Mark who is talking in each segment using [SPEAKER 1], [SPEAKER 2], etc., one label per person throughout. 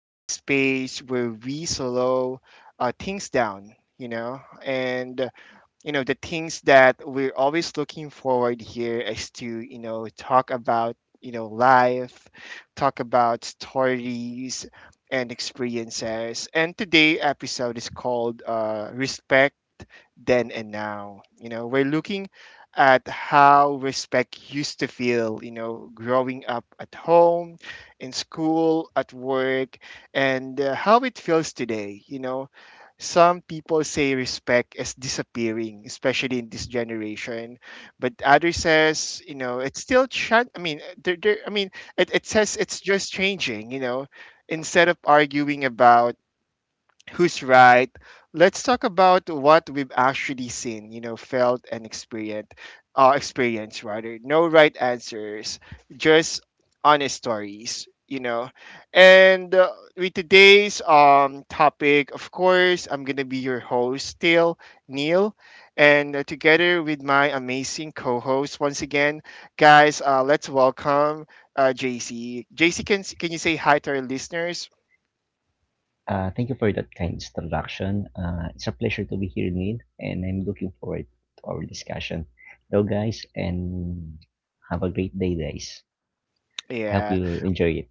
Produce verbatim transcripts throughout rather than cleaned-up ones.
[SPEAKER 1] You know, the space where we slow uh, things down, you know, and you know the things that we're always looking forward here is to you know talk about you know life, talk about stories and experiences. And today episode is called uh, respect then and now. you know we're looking at how respect used to feel you know growing up at home, in school, at work, and uh, how it feels today you know Some people say respect is disappearing, especially in this generation, but others says you know it's still. Tra- I mean, there, there, I mean, it, it says it's just changing. You know, instead of arguing about who's right, let's talk about what we've actually seen, you know, felt and experienced, uh, experience rather. No right answers, just honest stories, you know. And uh, with today's um topic, of course, I'm gonna be your host still, Neil, and uh, together with my amazing co-host once again, guys, uh, let's welcome uh J C. J C, can can you say hi to our listeners?
[SPEAKER 2] Uh, thank you for that kind introduction. Uh, it's a pleasure to be here, Neil, and I'm looking forward to our discussion. Hello, guys, and have a great day, guys. I hope
[SPEAKER 1] Yeah.
[SPEAKER 2] you enjoy it.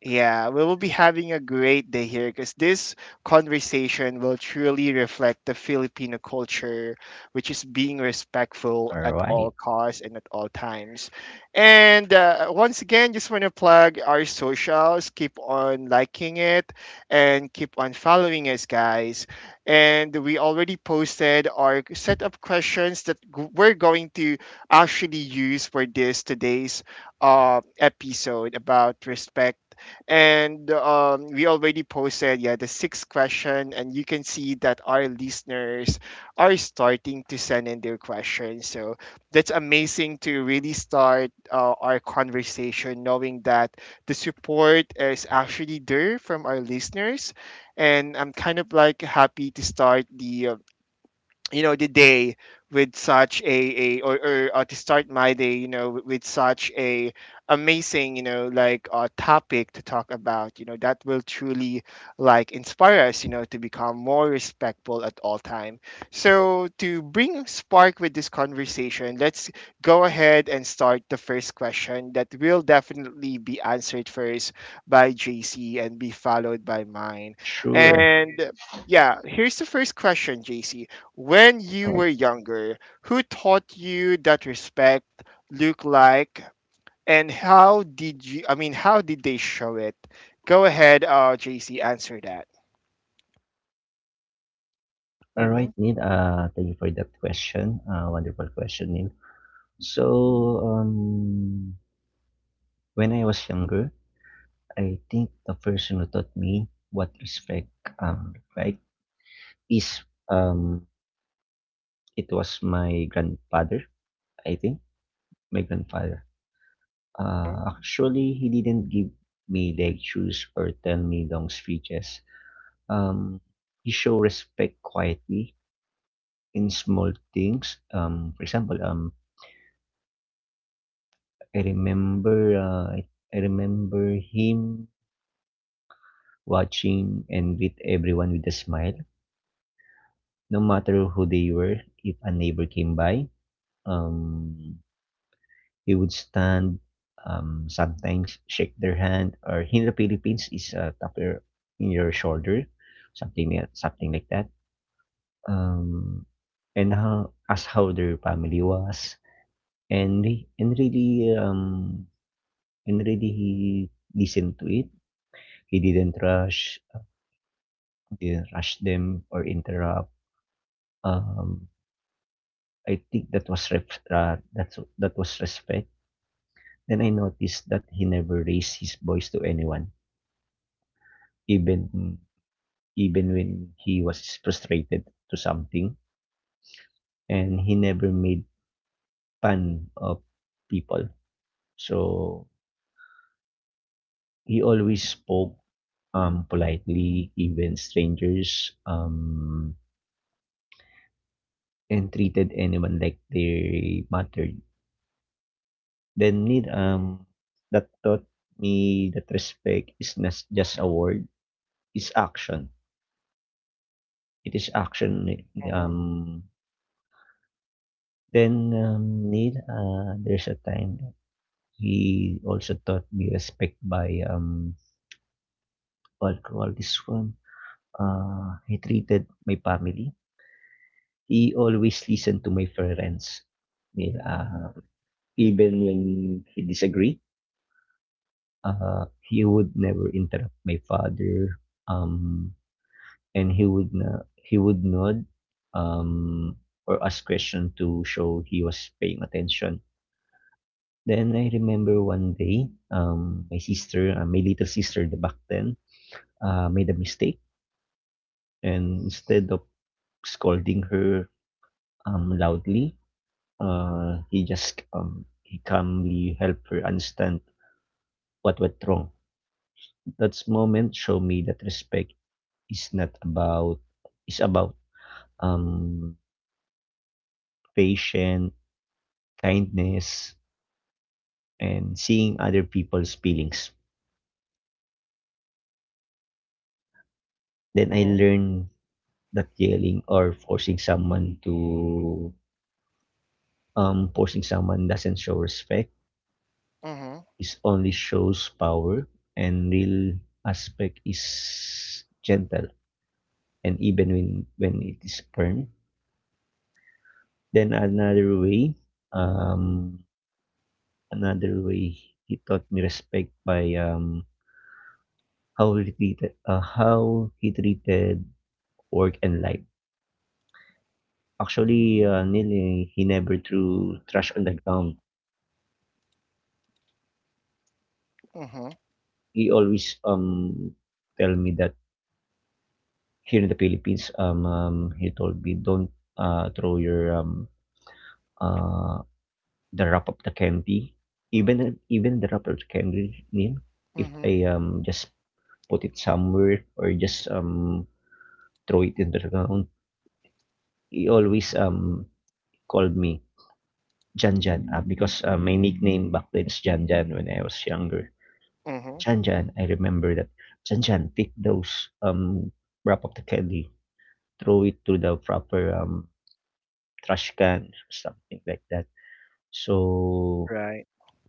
[SPEAKER 1] Yeah, we will be having a great day here, because this conversation will truly reflect the Filipino culture, which is being respectful
[SPEAKER 2] All
[SPEAKER 1] at all
[SPEAKER 2] right,
[SPEAKER 1] costs and at all times. And uh, once again, just want to plug our socials. Keep on liking it and keep on following us, guys. And we already posted our set of questions that g- we're going to actually use for this today's uh, episode about respect, and um, we already posted, yeah, the sixth question, and you can see that our listeners are starting to send in their questions. So that's amazing to really start uh, our conversation, knowing that the support is actually there from our listeners. And I'm kind of like happy to start the uh, you know the day with such a, a or, or uh, to start my day you know with, with such a amazing you know like uh, topic to talk about you know that will truly like inspire us you know to become more respectful at all time. So to bring spark with this conversation, let's go ahead and start the first question that will definitely be answered first by JC and be followed by mine.
[SPEAKER 2] sure.
[SPEAKER 1] And yeah, here's the first question, JC. When you
[SPEAKER 2] All right,
[SPEAKER 1] were younger, who taught you that respect looked like, and how did you? I mean, how did they show it? Go ahead, uh, J C, answer that.
[SPEAKER 2] all
[SPEAKER 1] Mhm.
[SPEAKER 2] right, Neil. Uh, thank you for that question. Uh, wonderful question, Neil. So, um, when I was younger, I think the person who taught me what respect um like is um it was my grandfather, I think my grandfather.
[SPEAKER 1] Mhm.
[SPEAKER 2] Uh, actually, he didn't give me lectures or tell me long speeches. Um, he showed respect quietly in small things. Um, for example, um, I remember uh, I I remember him watching and greet everyone with a smile, no matter who they were. If a neighbor came by, um, he would stand, um, sometimes shake their hand, or in the Philippines is a tap your in your shoulder, something like, something like that. Um, and how ask how their family was, and re- and really um and really he listened to it. He didn't rush, didn't rush them or interrupt. Um, I think that was ref- uh, that's that was respect. Then I noticed that he never raised his voice to anyone, even even when he was frustrated to something, and he never made fun of people. So he always spoke um, politely, even strangers, um, and treated anyone like they mattered. Then need um that taught me that respect is not just a word, it's action. It is action.
[SPEAKER 1] Mhm.
[SPEAKER 2] Um, then, um, Neil, uh, there's a time he also taught me respect by um what I call this one. Uh, he treated my family. He always listened to my parents. Yeah, uh, even when he disagreed, uh, he would never interrupt my father. Um, and he would na- he would nod, um, or ask question to show he was paying attention. Then I remember one day, um, my sister, uh, my little sister the back then, uh, made a mistake, and instead of scolding her um, loudly, uh, he just um, he calmly helped her understand what went wrong. That moment showed me that respect is not about, is about, um, patience, kindness, and seeing other people's feelings. Then I
[SPEAKER 1] Mhm.
[SPEAKER 2] learned that yelling or forcing someone to, um, forcing someone doesn't show respect, is only shows power, and real aspect is gentle, and even when when it is firm. Then another way, um another way he taught me respect by um how he treated, uh, how he treated work and life. Actually, uh, Neil, eh, he never threw trash on the ground.
[SPEAKER 1] Mhm.
[SPEAKER 2] He always um tell me that here in the Philippines, um, um he told me don't, uh, throw your um uh the wrap of the candy. Even even the wrap of the candy, Neil, if
[SPEAKER 1] Mhm.
[SPEAKER 2] I um just put it somewhere or just um throw it in the ground, he always um called me Jan Jan, uh, because uh, my nickname back then is Jan Jan when I was younger.
[SPEAKER 1] Mhm.
[SPEAKER 2] Jan Jan, I remember that. Jan Jan, take those um wrap of the candy, throw it to the proper um trash can or something like that. So
[SPEAKER 1] Right.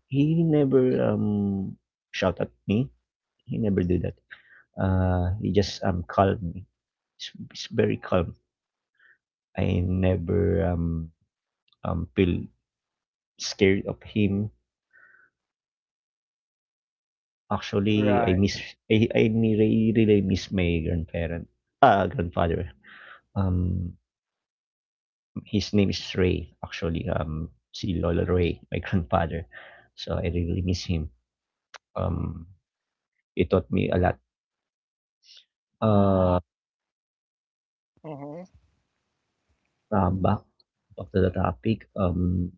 [SPEAKER 2] he never um shout at me. He never do that. Uh, he just um calm me. He's, he's very calm. I never um um feel scared of him. Actually, I
[SPEAKER 1] Right.
[SPEAKER 2] miss I I really really miss my grandparent, ah grandfather. Um, his name is Ray. Actually, um, si Lola Ray, my grandfather. So I really miss him. Um, he taught me a lot. Uh,
[SPEAKER 1] Mhm.
[SPEAKER 2] um, back Back to the topic. Um,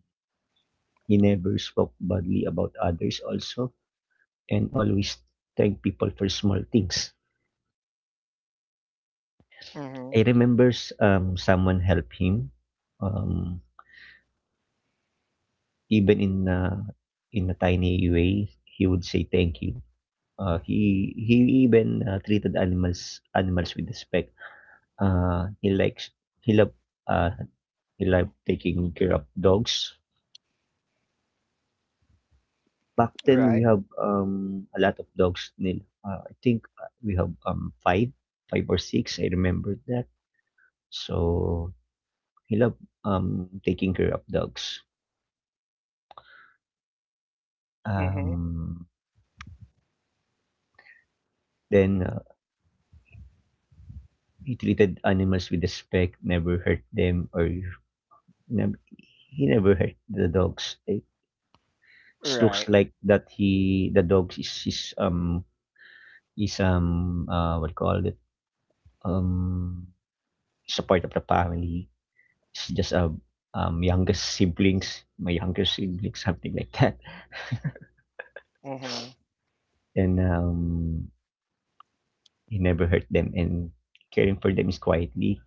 [SPEAKER 2] He never spoke badly about others also, and always thank people for small things.
[SPEAKER 1] Mhm.
[SPEAKER 2] I remember um, someone helped him, um, even in uh, in a tiny way. He would say thank you. Uh, he he even uh, treated animals animals with respect. Uh, he likes he loved uh, he loved taking care of dogs. Back then we
[SPEAKER 1] Right.
[SPEAKER 2] have, um, a lot of dogs, Neil. Uh, I think, uh, we have, um, five five or six. I remember that. So he loved, um, taking care of dogs.
[SPEAKER 1] Mhm.
[SPEAKER 2] Um, then, uh, he treated animals with respect, never hurt them, or nev he never hurt the dogs. It looks
[SPEAKER 1] Right.
[SPEAKER 2] like that he the dogs is is, um, is, um, uh, what do you call it, um, is a part of the family. It's just a, um, youngest siblings, my younger siblings, something like that.
[SPEAKER 1] Mhm.
[SPEAKER 2] And, um he never hurt them, and caring for them is quietly.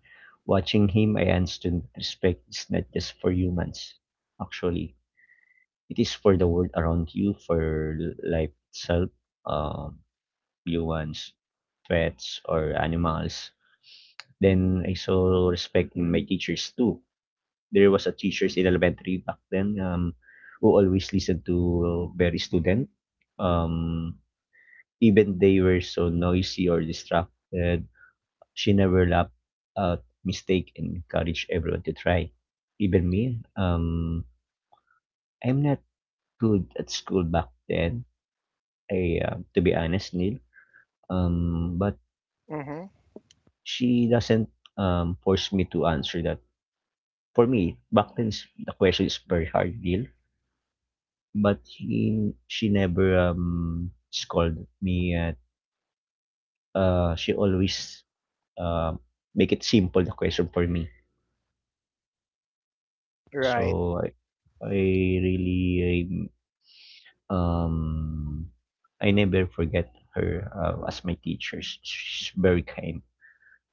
[SPEAKER 2] Watching him, I understood that respect is not just for humans. Actually, it is for the world around you, for life itself, um, humans, pets, or animals. Then I saw respect in my teachers too. There was a teachers in elementary back then, um, who always listened to very student. Um, Even they were so noisy or distracted, she never laughed at mistake and encouraged everyone to try. Even me, um, I'm not good at school back then. I, uh, to be honest, Neil. Um, but
[SPEAKER 1] Mhm.
[SPEAKER 2] she doesn't um force me to answer that. For me, back then is- the question is very hard, Neil. But he, she never um scolded me. At, uh, she always um make it simple the question for me.
[SPEAKER 1] Right.
[SPEAKER 2] So I, I really Um, I never forget her, uh, as my teacher. Sh- She's very kind.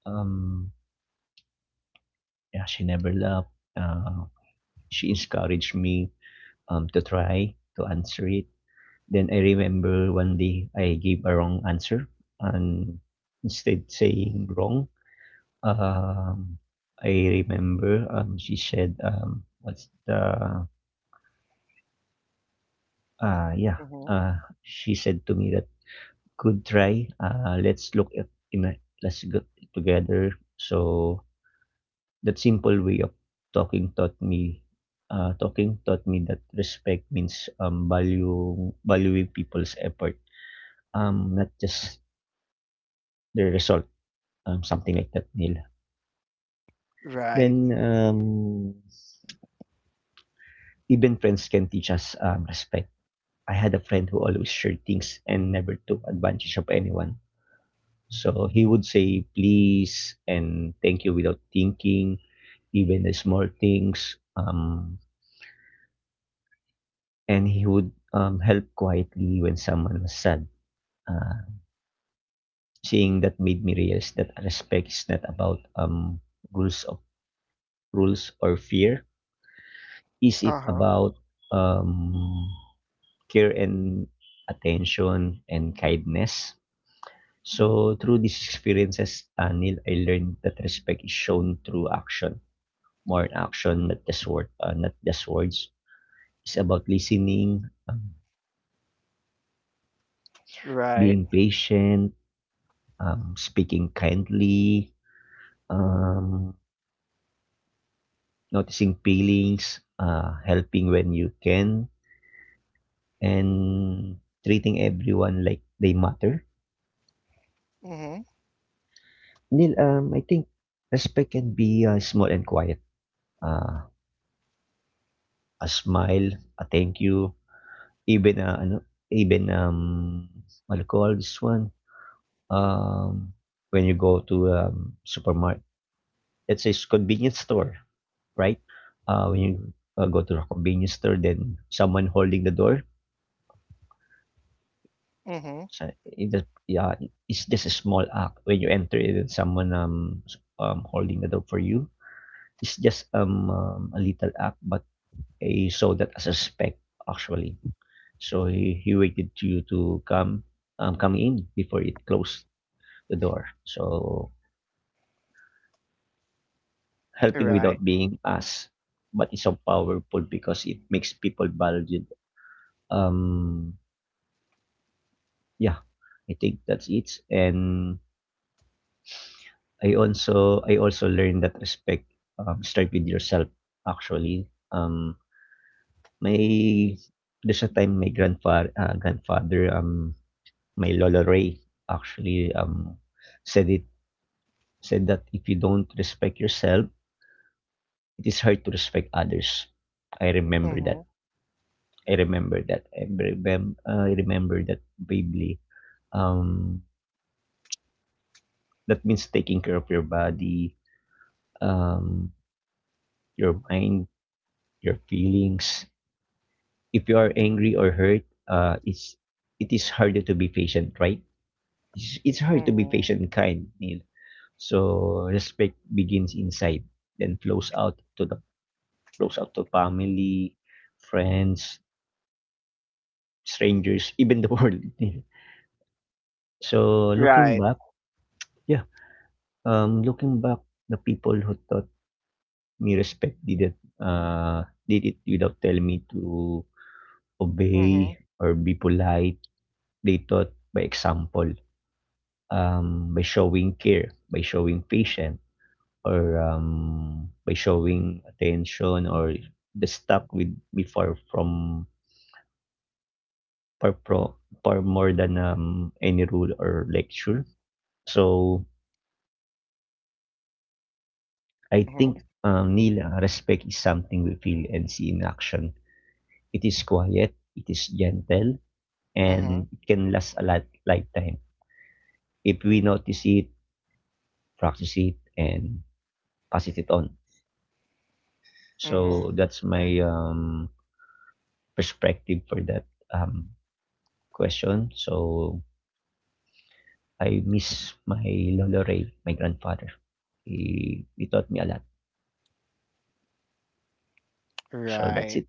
[SPEAKER 2] Um, yeah, she never left. Uh, she encouraged me, um, to try to answer it. Then I remember one day I gave a wrong answer, and instead saying wrong, um, I remember, um, she said, um, "What's the uh, yeah?"
[SPEAKER 1] Mhm.
[SPEAKER 2] Uh, she said to me that could try. Uh, let's look at in let's get together. So that simple way of talking taught me uh, talking taught me that respect means, um, value valuing people's effort, um, not just the result, um, something like that, Neil.
[SPEAKER 1] Right.
[SPEAKER 2] Then, um, even friends can teach us, um, respect. I had a friend who always shared things and never took advantage of anyone. So he would say please and thank you without thinking even the small things. Um, and he would, um, help quietly when someone was sad. Uh, Seeing that made me realize that respect is not about, um, rules of rules or fear. Is it
[SPEAKER 1] Uh huh.
[SPEAKER 2] about, um, care and attention and kindness? So through these experiences, uh, Neil, I learned that respect is shown through action, more in action, not just word, uh, not just words. It's about listening, um,
[SPEAKER 1] Right.
[SPEAKER 2] being patient, um, speaking kindly, um, noticing feelings, uh, helping when you can, and treating everyone like they matter.
[SPEAKER 1] Mhm.
[SPEAKER 2] Neil, um, I think respect can be, uh, small and quiet. Uh, a smile, a thank you, even, uh, ano, even um, what do you call this one? Um, when you go to, um, supermarket, let's say, s- convenience store, right? Uh, when you, uh, go to a convenience store, then someone holding the door.
[SPEAKER 1] Mhm.
[SPEAKER 2] So it just, yeah, it's just a small act when you enter it. Someone, um, um holding the door for you. It's just, um, um a little act, but he saw that as a respect actually. So he, he waited to you to come, um come in before it closed the door. So helping
[SPEAKER 1] Right.
[SPEAKER 2] without being asked, but it's so powerful because it makes people valued, um yeah, I think that's it. And I also I also learned that respect, um, start with yourself. Actually, um, my there's a time my grandfather, uh, grandfather um my Lola Ray actually, um said it said that if you don't respect yourself, it is hard to respect others. I remember that.
[SPEAKER 1] Mhm.
[SPEAKER 2] I remember that. I remember, I remember that vividly. Um, that means taking care of your body, um, your mind, your feelings. If you are angry or hurt, uh, it's it is harder to be patient, right? It's, it's hard to be patient
[SPEAKER 1] Mhm.
[SPEAKER 2] and kind, Neil. So respect begins inside, then flows out to the flows out to family, friends, strangers, even the world, Neil. So looking
[SPEAKER 1] Right.
[SPEAKER 2] back, yeah, um, looking back, the people who taught me respect didn't, uh did it without telling me to
[SPEAKER 1] Mm-hmm.
[SPEAKER 2] obey or be polite. They taught by example. Um, by showing care, by showing patience, or, um, by showing attention, or the stuck with me for from for pro for more than, um, any rule or lecture. So I
[SPEAKER 1] Mm-hmm.
[SPEAKER 2] think, um, Neil, respect is something we feel and see in action. It is quiet, it is gentle, and
[SPEAKER 1] Mm-hmm.
[SPEAKER 2] it can last a lot lifetime if we notice it, practice it, and pass it on. So
[SPEAKER 1] Mm-hmm.
[SPEAKER 2] that's my, um, perspective for that, um, question. So I miss my Lolo Ray, my grandfather. He, he taught me a lot. So that's
[SPEAKER 1] Right.
[SPEAKER 2] it.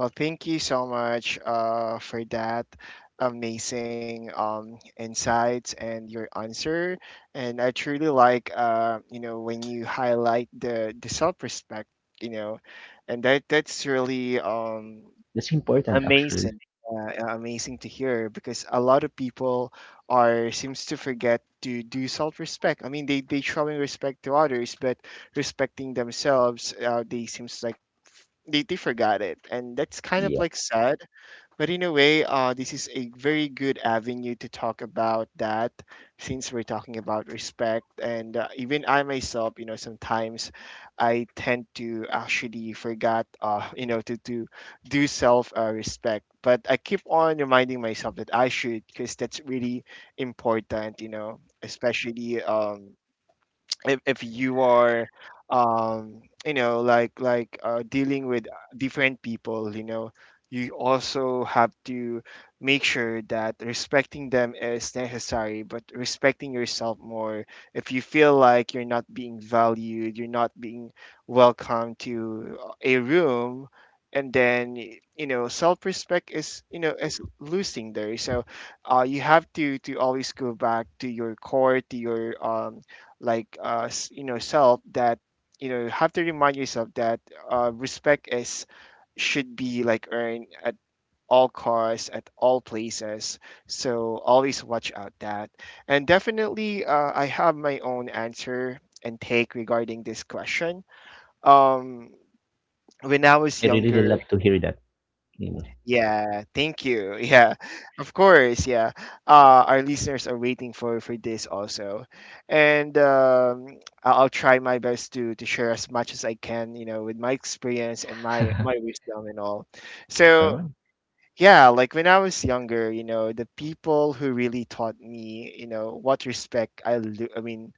[SPEAKER 1] Well, thank you so much uh, for that amazing um, insights and your answer. And I truly like, uh, you know, when you highlight the, the self-respect, you know, and that that's really um,
[SPEAKER 2] That's important, actually.
[SPEAKER 1] amazing. Yeah, uh, amazing to hear, because a lot of people are seems to forget to do self-respect. I mean, they they showing respect to others, but respecting themselves, uh, they seems like f- they, they forgot it, and that's kind of
[SPEAKER 2] Yeah.
[SPEAKER 1] like sad, but in a way, uh, this is a very good avenue to talk about that, since we're talking about respect. And uh, even I myself, you know, sometimes I tend to actually forget, uh, you know, to, to do self uh, respect. But I keep on reminding myself that I should, because that's really important, you know, especially um, if, if you are um you know like like uh, dealing with different people you know you also have to make sure that respecting them is necessary, but respecting yourself more. If you feel like you're not being valued, you're not being welcome to a room, and then you know self-respect is you know is losing there, so uh, you have to to always go back to your core, to your um, like uh s- you know self, that you know you have to remind yourself that uh respect is should be like earned at all costs, at all places. So always watch out that. And definitely, uh, I have my own answer and take regarding this question, um when I was
[SPEAKER 2] I really really
[SPEAKER 1] younger.
[SPEAKER 2] love to hear that, Neil.
[SPEAKER 1] Yeah, thank you. Yeah, of course. Yeah, uh, our listeners are waiting for for this also, and um, I- I'll try my best to to share as much as I can, you know, with my experience and my my wisdom and all.
[SPEAKER 2] All
[SPEAKER 1] So
[SPEAKER 2] right.
[SPEAKER 1] yeah, like when I was younger, you know, the people who really taught me, you know, what respect I, lo- I mean,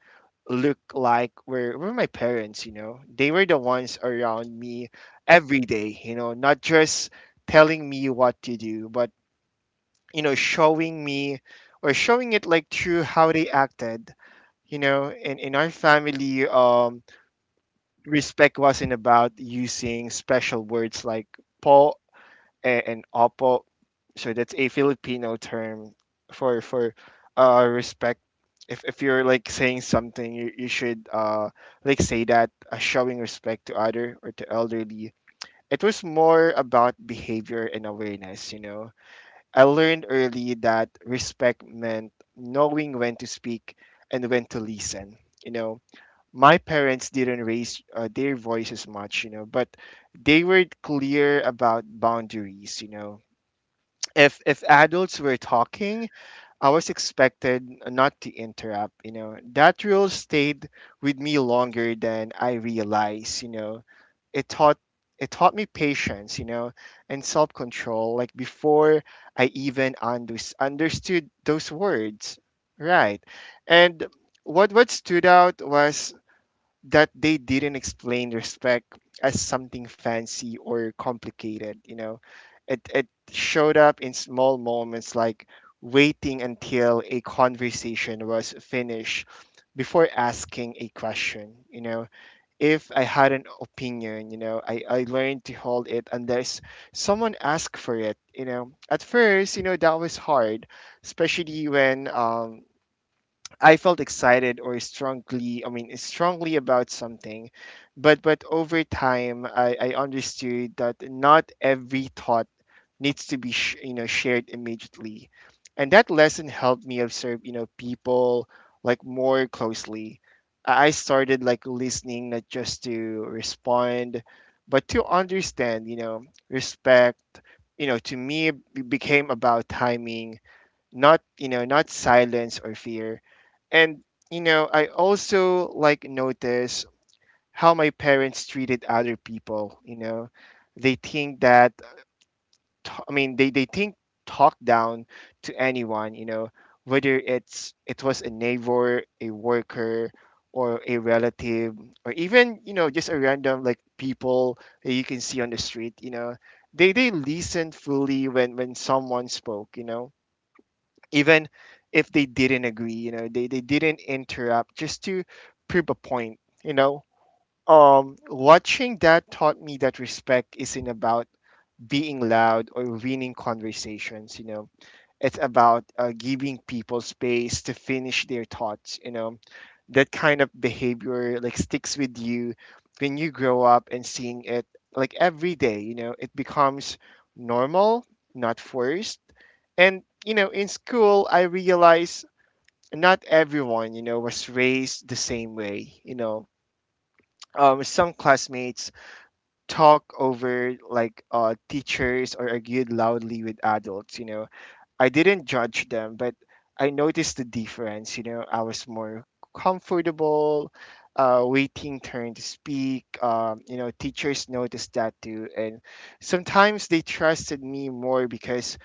[SPEAKER 1] look like were were my parents, you know. They were the ones around me every day, you know, not just telling me what to do, but you know, showing me, or showing it like through how they acted. You know, in, in our family, um, respect wasn't about using special words like po and, and opo. So that's a Filipino term for for uh respect. If if you're like saying something, you you should uh like say that, uh, showing respect to other or to elderly. It was more about behavior and awareness. You know, I learned early that respect meant knowing when to speak and when to listen. You know, my parents didn't raise uh, their voices much. You know, but they were clear about boundaries. You know if if adults were talking, I was expected not to interrupt, you know. That rule stayed with me longer than I realized, you know. It taught it taught me patience, you know, and self-control like before I even under- understood those words. Right. And what what stood out was that they didn't explain respect as something fancy or complicated. you know it it showed up in small moments, like waiting until a conversation was finished before asking a question you know If I had an opinion you know i, I learned to hold it unless someone asked for it you know at first, you know that was hard, especially when um I felt excited or strongly, I mean, strongly about something, but but over time, I, I understood that not every thought needs to be sh- you know shared immediately, and that lesson helped me observe you know people like more closely. I I started like listening, not just to respond, but to understand. You know, respect. You know, to me, it became about timing, not you know not silence or fear, and you know I also like notice how my parents treated other people you know they think that t- I mean they, they think talk down to anyone, you know whether it's it was a neighbor, a worker, or a relative, or even you know just a random like people that you can see on the street you know they they listened fully when when someone spoke, you know even if they didn't agree, you know they, they didn't interrupt just to prove a point you know um watching that taught me that respect isn't about being loud or winning conversations you know It's about uh, giving people space to finish their thoughts you know That kind of behavior like sticks with you when you grow up, and seeing it like every day, you know it becomes normal, not forced. And you know in school, I realized not everyone, you know was raised the same way you know um, some classmates talk over like uh, teachers, or argued loudly with adults you know I didn't judge them, but I noticed the difference. You know, I was more comfortable, uh, waiting turn to speak. Um, you know, teachers noticed that too, and sometimes they trusted me more because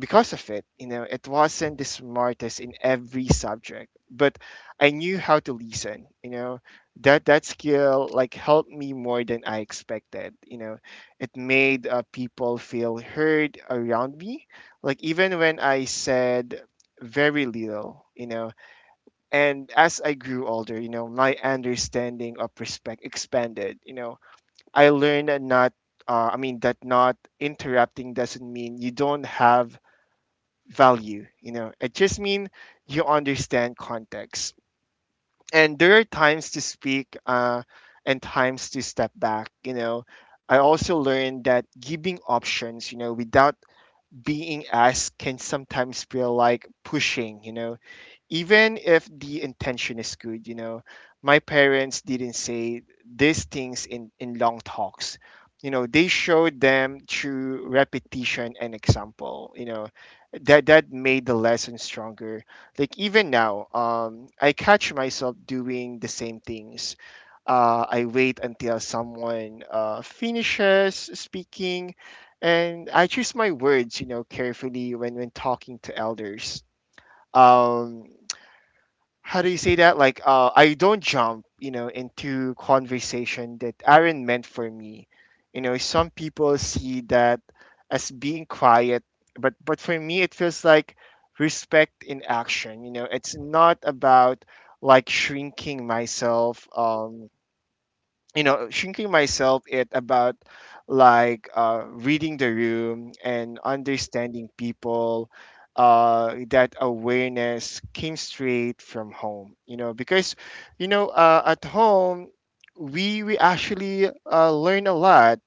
[SPEAKER 1] because of it. you know, it wasn't the smartest in every subject, but I knew how to listen, you know. That that skill like helped me more than I expected, you know. It made uh, people feel heard around me, like even when I said very little, you know. And as I grew older, you know, my understanding of respect expanded, you know. I learned that not uh, I mean that not interrupting doesn't mean you don't have value. You know, it just means you understand context. And there are times to speak, uh, and times to step back. You know, I also learned that giving options, you know, without being asked can sometimes feel like pushing, you know even if the intention is good. you know, my parents didn't say these things in, in long talks. You know, they showed them through repetition and example. you know, that that made the lesson stronger. Like even now, um, I catch myself doing the same things. Uh, I wait until someone uh, finishes speaking, and I choose my words, you know, carefully when, when talking to elders, um how do you say that? Like, uh, I don't jump, you know, into conversation that aren't meant for me. You know, some people see that as being quiet, but but for me, it feels like respect in action. You know, it's not about like shrinking myself. Um, you know shrinking myself it about like uh, reading the room and understanding people. Uh, that awareness came straight from home, you know, because you know uh, at home we we actually uh, learn a lot.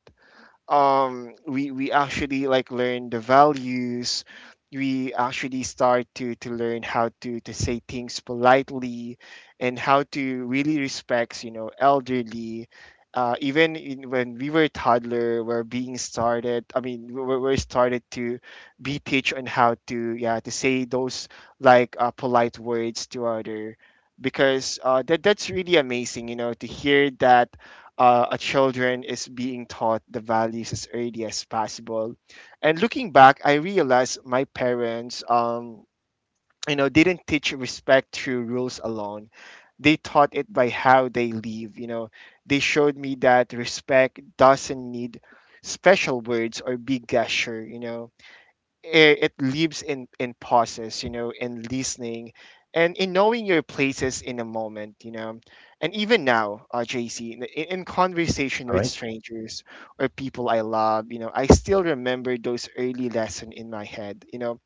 [SPEAKER 1] Um we we actually like learn the values. We actually start to to learn how to to say things politely and how to really respect, you know, elderly. Uh, even in, when we were toddler, we're being started, i mean we we're, we're started to be teach on how to, yeah, to say those like uh, polite words to other, because uh, that that's really amazing, you know, to hear that uh, a children is being taught the values as early as possible. And looking back, I realized my parents, um, you know, didn't teach respect through rules alone. They taught it by how they live. You know, they showed me that respect doesn't need special words or big gesture. You know, it, it lives in in pauses you know, in listening and in knowing your places in a moment, you know. And even now, uh, JC, in, in conversation
[SPEAKER 2] All
[SPEAKER 1] with
[SPEAKER 2] right.
[SPEAKER 1] strangers or people I love, you know, I still remember those early lessons in my head, you know,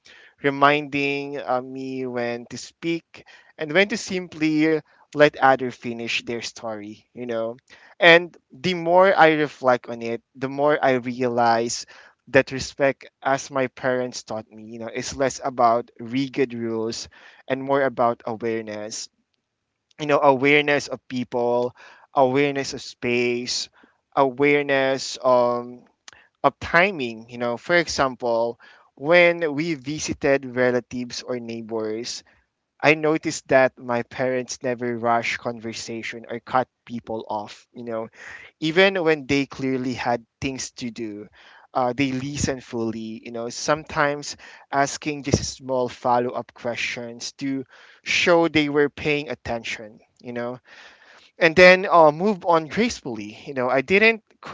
[SPEAKER 1] reminding uh, me when to speak and when to simply let other finish their story, you know. And the more I reflect on it, the more I realize that respect, as my parents taught me, you know, is less about rigid rules and more about awareness. You know, awareness of people, awareness of space, awareness um, of timing, you know. For example, when we visited relatives or neighbors, I noticed that my parents never rushed conversation or cut people off, you know, even when they clearly had things to do. Uh, they listen fully. You know, sometimes asking just small follow up questions to show they were paying attention. You know, and then uh, move on gracefully. You know, I didn't c-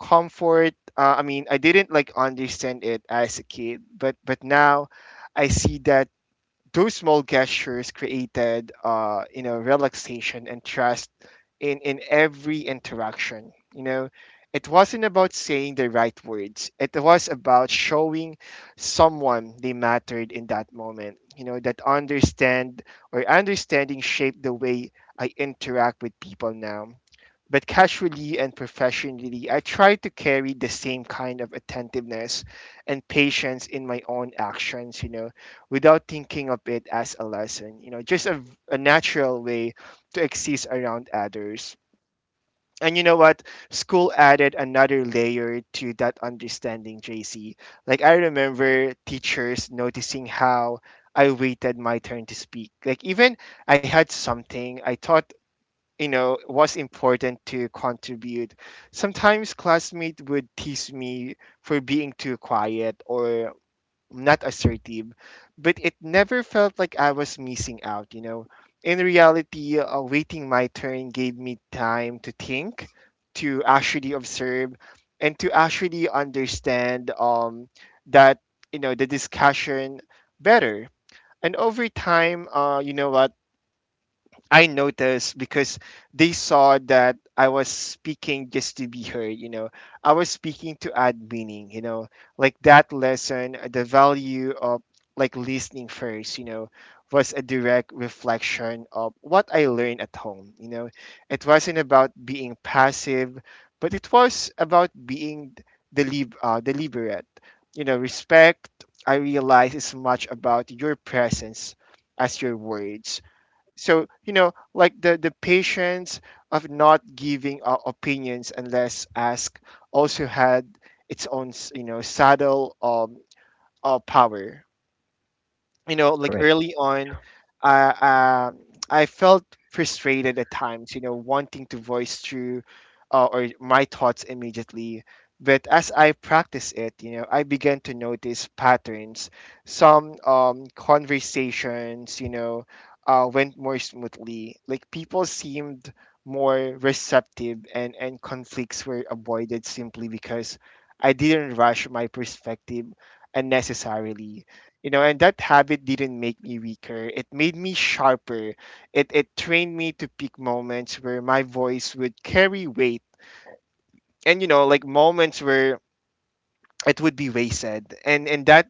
[SPEAKER 1] Comfort. Uh, I mean, I didn't like understand it as a kid, but but now I see that those small gestures created uh you know relaxation and trust in in every interaction, you know. It wasn't about saying the right words, it was about showing someone they mattered in that moment, you know. That understand or understanding shaped the way I interact with people now, but casually and professionally, I try to carry the same kind of attentiveness and patience in my own actions, you know, without thinking of it as a lesson, you know, just a, a natural way to exist around others. And you know what? School added another layer to that understanding, J C. Like, I remember teachers noticing how I waited my turn to speak. Like, even I had something I thought, you know, was important to contribute. Sometimes classmates would tease me for being too quiet or not assertive, but it never felt like I was missing out, you know. In reality, uh, waiting my turn gave me time to think, to actually observe, and to actually understand um that, you know, the discussion better. And over time, uh you know what, I noticed because they saw that I was speaking just to be heard, you know. I was speaking to add meaning, you know. Like that lesson, uh, the value of like listening first, you know, was a direct reflection of what I learned at home, you know. It wasn't about being passive, but it was about being delib- uh, deliberate. You know, respect, I realize, is much about your presence as your words. So you know like the the patience of not giving uh, opinions unless asked also had its own s- you know subtle um uh, power, you know. Like
[SPEAKER 2] Correct.
[SPEAKER 1] early on, uh, uh, I felt frustrated at times, you know, wanting to voice through uh, or my thoughts immediately. But as I practice it, you know, I began to notice patterns. Some um, conversations, you know, uh, went more smoothly. Like people seemed more receptive, and and conflicts were avoided simply because I didn't rush my perspective unnecessarily, you know. And that habit didn't make me weaker. It made me sharper. It it trained me to pick moments where my voice would carry weight, and you know, like moments where it would be wasted. And and that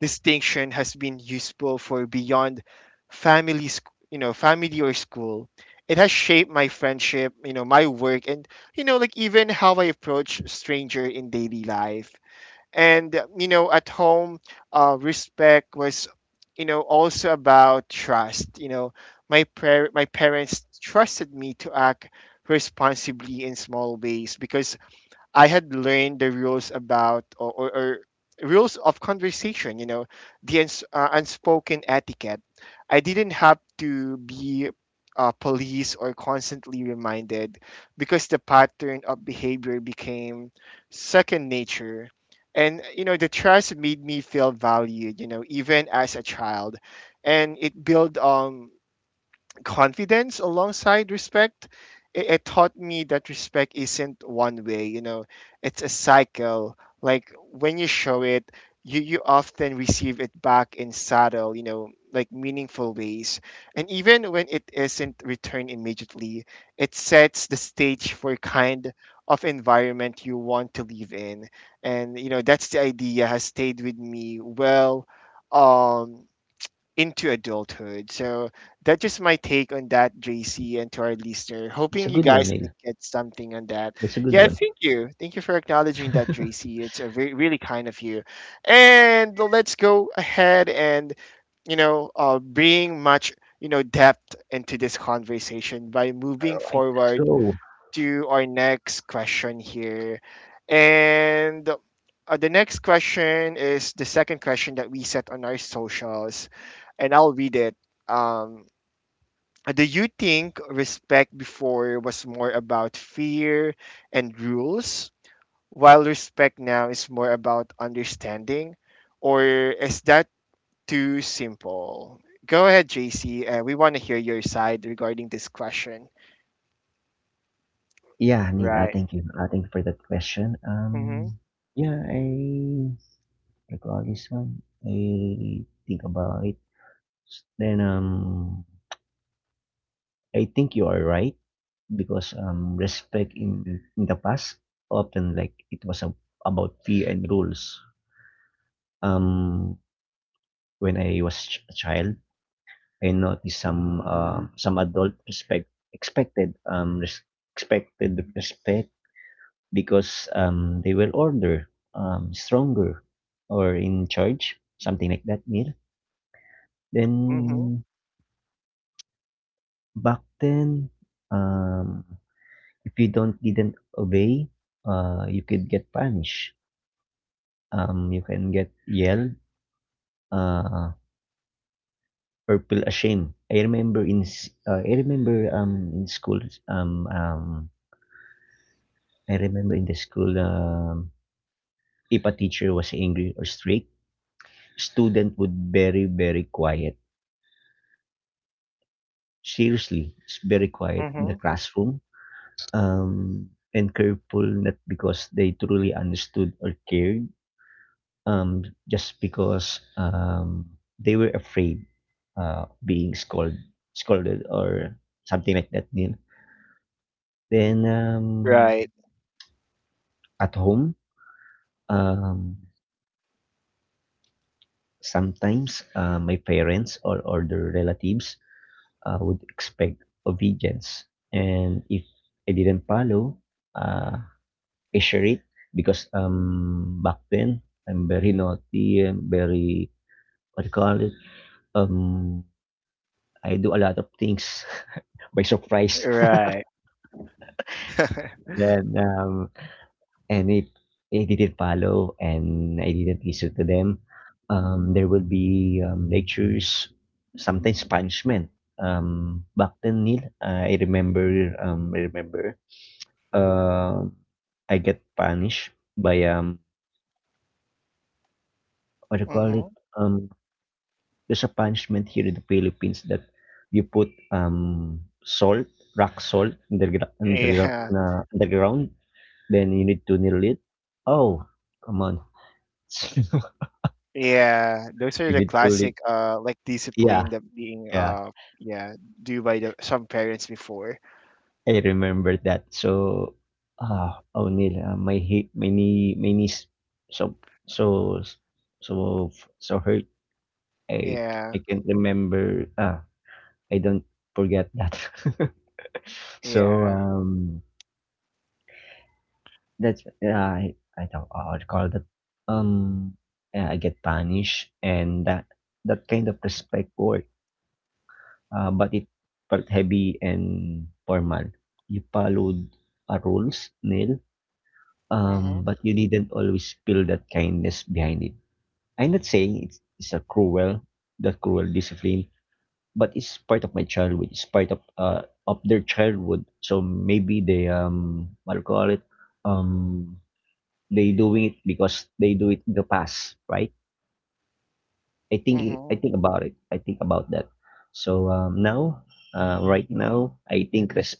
[SPEAKER 1] distinction has been useful for beyond family, sc- you know, family or school. It has shaped my friendship, you know, my work, and you know, like even how I approach stranger in daily life. And, uh, you know, at home, uh, respect was, you know, also about trust. You know, my, par- my parents trusted me to act responsibly in small ways because I had learned the rules about or, or, or rules of conversation, you know, the uns- uh, unspoken etiquette. I didn't have to be uh, police or constantly reminded because the pattern of behavior became second nature. And, you know, the trust made me feel valued, you know, even as a child. And it built on confidence alongside respect. It, it taught me that respect isn't one way, you know. It's a cycle. Like when you show it, you you often receive it back in subtle, you know, like meaningful ways. And even when it isn't returned immediately, it sets the stage for kind of environment you want to live in. And you know that's the idea has stayed with me well um into adulthood. So that's just my take on that, J C, and to our listener.
[SPEAKER 2] That's
[SPEAKER 1] Hoping
[SPEAKER 2] a
[SPEAKER 1] you
[SPEAKER 2] good one,
[SPEAKER 1] guys
[SPEAKER 2] Neil.
[SPEAKER 1] like, get something on that.
[SPEAKER 2] That's a good
[SPEAKER 1] Yeah,
[SPEAKER 2] one.
[SPEAKER 1] thank you. Thank you for acknowledging that,
[SPEAKER 2] All
[SPEAKER 1] J C. It's a very, really kind of you. And let's go ahead and you know, uh, bring much you know depth into this conversation by moving
[SPEAKER 2] right. Let's
[SPEAKER 1] forward
[SPEAKER 2] go.
[SPEAKER 1] to our next question here. And uh, the next question is the second question that we set on our socials. And I'll read it. Um, do you think respect before was more about fear and rules, while respect now is more about understanding? Or is that too simple? Go ahead, J C. Uh, we want to hear your side regarding this question.
[SPEAKER 2] Yeah, Neil. Uh,
[SPEAKER 1] Right.
[SPEAKER 2] thank you. Uh, thank you for that question.
[SPEAKER 1] Mm-hmm.
[SPEAKER 2] Um, yeah, I recall this one. I think about it. Then um, I think you are right. because um, respect in, in the past often like it was a, about fear and rules. Um, when I was ch- a child, I noticed some uh, some adult respect expected um res- expected respect because um they were older, um stronger, or in charge, something like that, Neil.
[SPEAKER 1] Mm-hmm.
[SPEAKER 2] Then Back then, um if you don't didn't obey, uh you could get punished, um, you can get yelled, uh, or feel ashamed. I remember in s- uh, I remember um in school um um I remember in the school um if a teacher was angry or strict, student would very very quiet. Seriously, it's very quiet in the classroom. Um and careful not because they truly understood or cared, um, just because um, they were afraid uh, being scold, scolded or something like that, Neil. Then um,
[SPEAKER 1] Right,
[SPEAKER 2] at home, um, sometimes uh, my parents or other relatives uh, would expect obedience, and if I didn't follow, uh, I share it because um, back then I'm very naughty and very what do you call it um I do a lot of things by surprise.
[SPEAKER 1] right.
[SPEAKER 2] Then, um, and if I didn't follow and I didn't listen to them, um, there will be um, lectures, sometimes punishment. Um, back then, Neil, I remember, um, I remember, um I get punished by um, what do you call it?
[SPEAKER 1] Mm-hmm.
[SPEAKER 2] Um, there's a punishment here in the Philippines that you put um salt, rock salt, underground, underground,
[SPEAKER 1] Yeah,
[SPEAKER 2] uh, underground. Then you need to kneel it. Oh, come on.
[SPEAKER 1] yeah. Those are
[SPEAKER 2] You
[SPEAKER 1] the
[SPEAKER 2] need to kneel it.
[SPEAKER 1] classic, uh, like
[SPEAKER 2] Yeah,
[SPEAKER 1] discipline that being,
[SPEAKER 2] yeah.
[SPEAKER 1] uh, yeah, due by the some parents before.
[SPEAKER 2] I remember that. So, ah, oh, kneel. Uh, my hip, my knee, my knees. So, so, so, so hurt. I, I
[SPEAKER 1] Yeah,
[SPEAKER 2] can't remember. Ah, I don't forget that. so,
[SPEAKER 1] yeah.
[SPEAKER 2] um, that's yeah, I, I don't. I call that. Um, yeah, I get punished, and that that kind of respect works, uh, but it felt heavy and formal. You followed a rules, Neil,
[SPEAKER 1] Mm-hmm.
[SPEAKER 2] um, but you didn't always feel that kindness behind it. I'm not saying it's, it's a cruel, that cruel discipline, but it's part of my childhood. It's part of uh, of their childhood. So maybe they um, what do you call it, um, they doing it because they do it in the past, right? I think I
[SPEAKER 1] Mm-hmm.
[SPEAKER 2] think about it. I think about that. So um, now, uh, right now, I think res-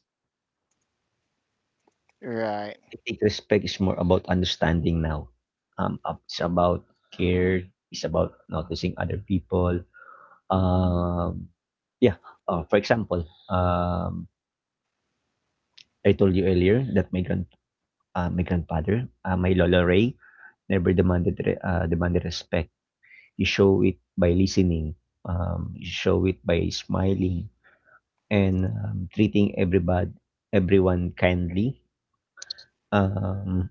[SPEAKER 1] Right,
[SPEAKER 2] I think respect is more about understanding now. Um, up- it's about care. It's about noticing other people. Um, yeah. Uh, for example, um, I told you earlier that my grand, uh, my grandfather, uh, my Lola Ray, never demanded re- uh, demanded respect. You show it by listening. Um, you show it by smiling and um, treating everybody, everyone kindly. Um,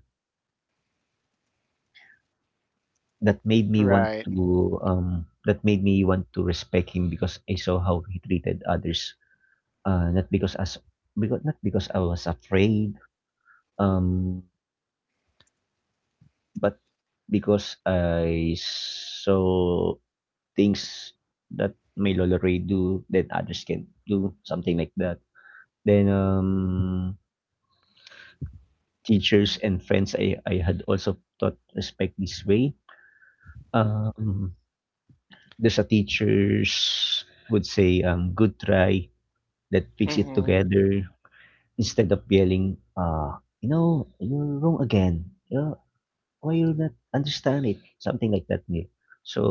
[SPEAKER 2] that made me want
[SPEAKER 1] right,
[SPEAKER 2] to um that made me want to respect him because I saw how he treated others. Uh, not because as because Not because I was afraid, um, but because I saw things that my Lola Ray do that others can do, something like that. Then um Teachers and friends I, I had also taught respect this way. Um there's a teachers would say um good try, that fix it
[SPEAKER 1] Mm-hmm.
[SPEAKER 2] together instead of yelling, uh, you know, you're wrong again. You're, why you not understand it? Something like that, Neil. So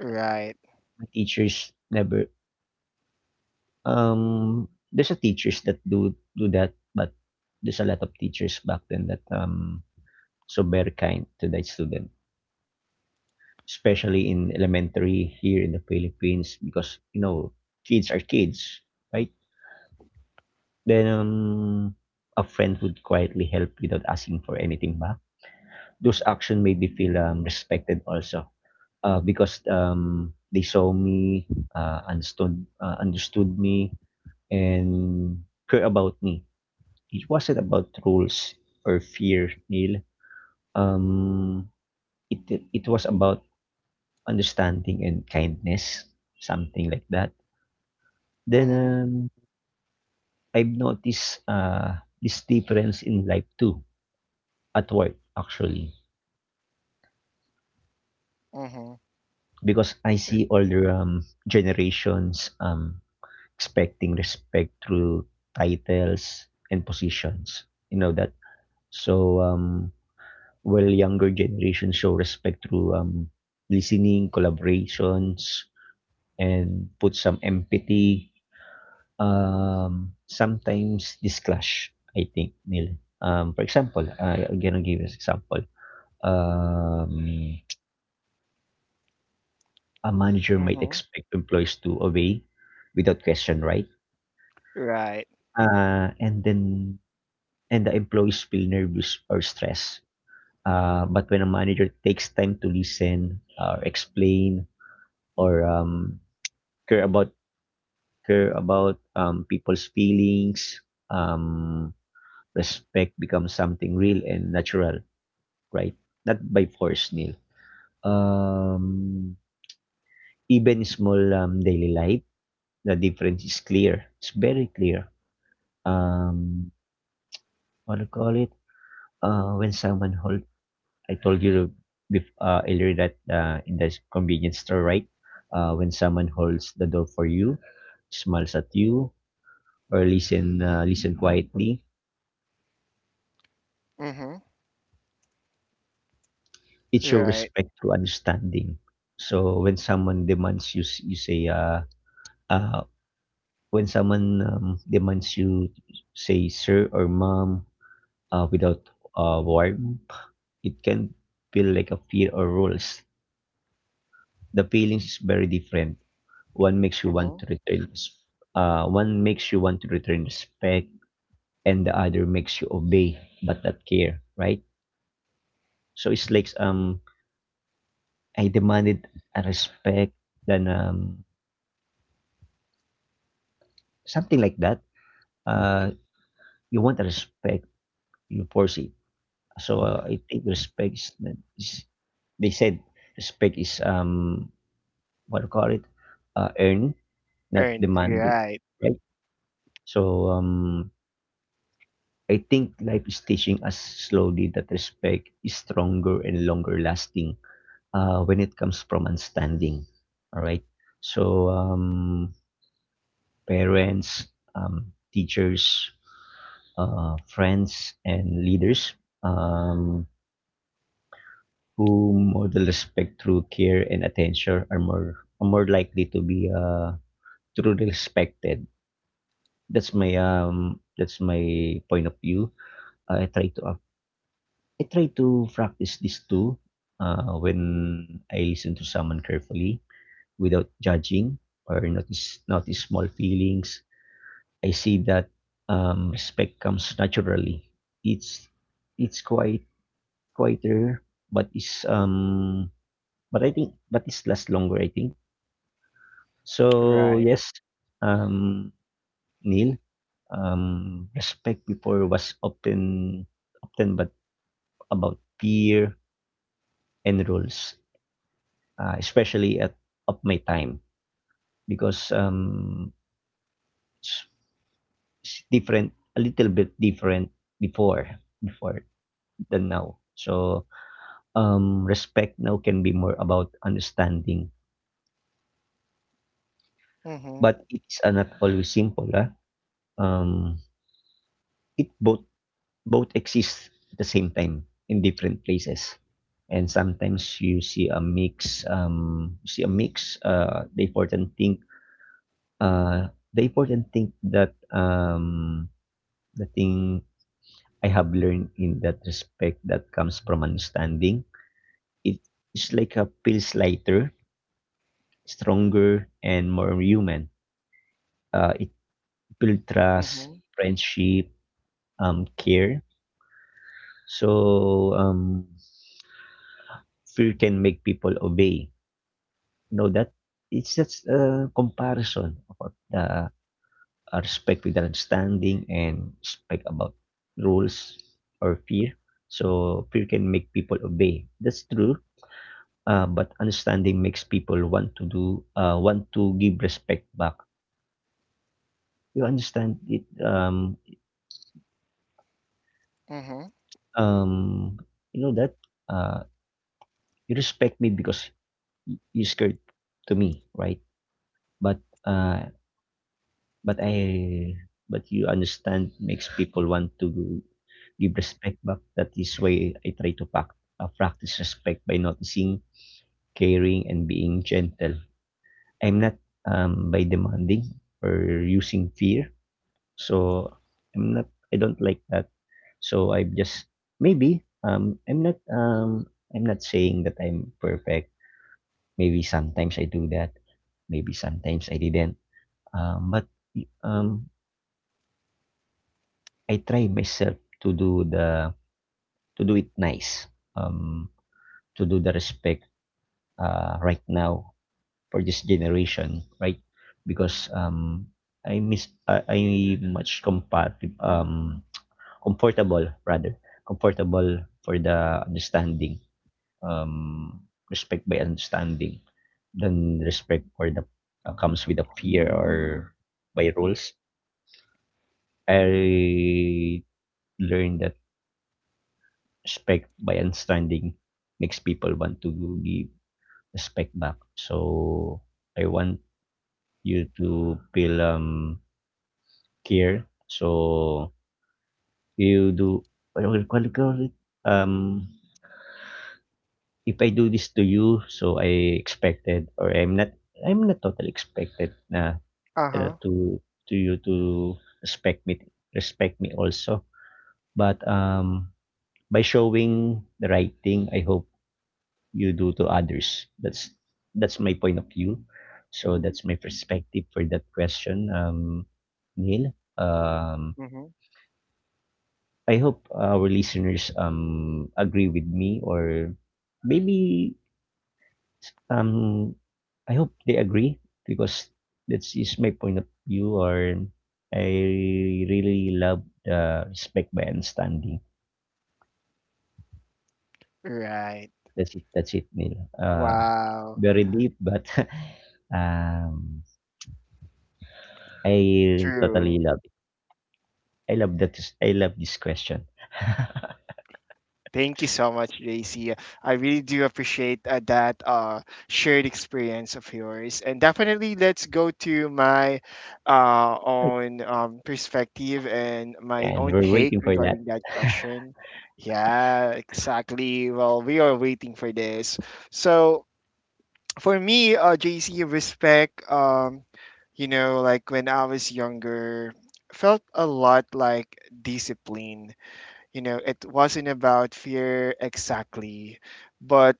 [SPEAKER 1] right,
[SPEAKER 2] my teachers never um there's a teachers that do do that, but there's a lot of teachers back then that um so very kind to the student, especially in elementary here in the Philippines because you know kids are kids, right? Then um a friend would quietly help without asking for anything back. Those action made me feel um, respected also, uh, because um, they saw me, uh, understood uh, understood me and care about me. It wasn't about rules or fear, Neil. um, it it was about understanding and kindness, something like that. Then
[SPEAKER 1] Mm-hmm.
[SPEAKER 2] um, I've noticed uh, this difference in life too, at work actually,
[SPEAKER 1] Mm-hmm.
[SPEAKER 2] because I see older um, generations um, expecting respect through titles and positions. You know that. So um, while younger generations show respect through um, listening, collaborations, and put some empathy. Um, sometimes this clash, I think, Neil. Um, for example, I, I'm gonna give an example. Um, a manager might
[SPEAKER 1] Mm-hmm.
[SPEAKER 2] expect employees to obey without question, right?
[SPEAKER 1] right,
[SPEAKER 2] Uh, and then and the employees feel nervous or stressed. Uh, but when a manager takes time to listen or explain or um, care about care about um, people's feelings, um, respect becomes something real and natural, right? Not by force, Neil. Um, Even small um, daily life, the difference is clear. It's very clear. Um, what do you call it? Uh, when someone hold I told you bef- uh, earlier that uh, in the convenience store, right? Uh, when someone holds the door for you, smiles at you, or listen uh, listen quietly,
[SPEAKER 1] Mm-hmm.
[SPEAKER 2] it shows
[SPEAKER 1] right.
[SPEAKER 2] respect through understanding. So when someone demands you, s- you say, uh, uh, when someone um, demands you, say, sir or mom, uh, without uh, warm, it can feel like a fear or rules. The feelings is very different. One makes you
[SPEAKER 1] Mm-hmm.
[SPEAKER 2] want to return s- uh, One makes you want to return respect, and the other makes you obey but not care, right? So it's like um I demanded a respect, then um something like that. Uh, you want a respect, you force it. So uh, I think respect is, is They said respect is um what do you call it, uh, earned, not
[SPEAKER 1] Earned.
[SPEAKER 2] demanded,
[SPEAKER 1] Right,
[SPEAKER 2] right? So um I think life is teaching us slowly that respect is stronger and longer lasting uh, when it comes from understanding. All right. So, um, parents, um, teachers, uh, friends, and leaders, um, who model respect through care and attention are more are more likely to be uh, truly respected. That's my um that's my point of view. I try to I try to practice this too, uh, when I listen to someone carefully without judging or notice notice small feelings. I see that um, respect comes naturally. It's it's quite quieter, but it's um but I think but it's lasts longer. I think so.
[SPEAKER 1] right.
[SPEAKER 2] Yes, um, Neil, um, respect before was often often but about fear and rules, uh, especially at of my time because um, it's, it's different, a little bit different before before than now. So um, respect now can be more about understanding,
[SPEAKER 1] Mm-hmm.
[SPEAKER 2] but it's uh, not always simple. Ah. Um, it both Both exist at the same time in different places. And sometimes you see a mix. Um, you see a mix. Uh, the important thing. Uh, the important thing that um, the thing I have learned in that respect that comes from understanding. It is like a feels lighter, stronger, and more human. Uh, it builds trust,
[SPEAKER 1] Mm-hmm.
[SPEAKER 2] friendship, um, care. So um, fear can make people obey. You know that it's just a comparison about the uh, respect with understanding and respect about rules or fear. So fear can make people obey. That's true. Uh, but understanding makes people want to do uh, want to give respect back. You understand it? Um,
[SPEAKER 1] Mm-hmm.
[SPEAKER 2] um, you know that, uh, you respect me because y- you scared to me, right? But uh, but I but you understand makes people want to give respect back. That is why I try to pack, uh, practice respect by noticing, caring, and being gentle. I'm not um, by demanding or using fear. So, I'm not I don't like that. So, I've just maybe, um, I'm not, um, I'm not saying that I'm perfect. Maybe sometimes I do that, maybe sometimes I didn't. Um, but, um, I try myself to do the to do it nice, um, to do the respect, uh, right now for this generation, right? Because, um, I miss I, I much compatible um comfortable rather comfortable for the understanding, um respect by understanding than respect for the uh, comes with a fear or by rules. I learned that respect by understanding makes people want to give respect back, so I want you to feel um care, so you do what do you call it, um if I do this to you, so I expected, or I'm not I'm not totally expected na,
[SPEAKER 1] Uh
[SPEAKER 2] you know,
[SPEAKER 1] huh.
[SPEAKER 2] to to you to respect me respect me also. But um by showing the right thing, I hope you do to others. That's that's my point of view. So that's my perspective for that question, um, Neil. Um,
[SPEAKER 1] Mm-hmm.
[SPEAKER 2] I hope our listeners um agree with me or maybe, Um, I hope they agree because that is my point of view. Or I really love the respect by understanding.
[SPEAKER 1] Right.
[SPEAKER 2] That's it. That's it, Neil. Uh,
[SPEAKER 1] Wow.
[SPEAKER 2] very deep, but um, I
[SPEAKER 1] True.
[SPEAKER 2] totally love it. I love that. I love this question.
[SPEAKER 1] Thank you so much, J C. I really do appreciate uh, that uh, shared experience of yours. And definitely, let's go to my uh, own um, perspective and my
[SPEAKER 2] And
[SPEAKER 1] own
[SPEAKER 2] we're
[SPEAKER 1] take
[SPEAKER 2] waiting for that.
[SPEAKER 1] regarding that question. Yeah, exactly. Well, we are waiting for this. So, for me, uh, J C, respect, um, you know, like when I was younger, felt a lot like discipline, you know. It wasn't about fear exactly, but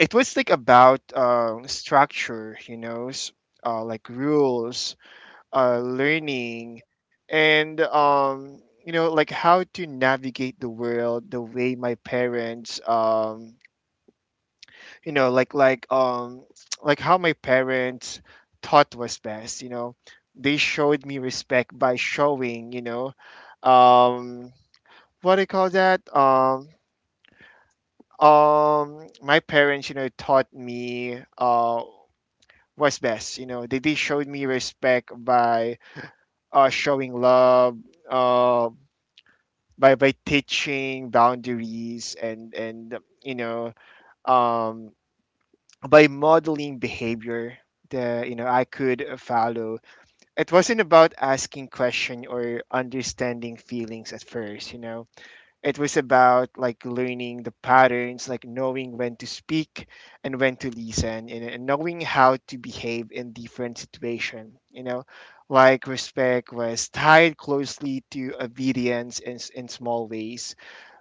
[SPEAKER 1] it was like about um, structure, you know. S- uh, like rules, uh, learning, and um, you know, like how to navigate the world the way my parents um, you know like like um, like how my parents thought was best, you know. They showed me respect by showing, you know, um, what do you call that? Um, Um, my parents, you know, taught me uh what's best. You know, they they showed me respect by uh showing love, uh by by teaching boundaries and and you know um by modeling behavior that you know I could follow. It wasn't about asking question or understanding feelings at first. You know, it was about like learning the patterns, like knowing when to speak and when to listen, and, and knowing how to behave in different situations. You know, like respect was tied closely to obedience in, s- in small ways,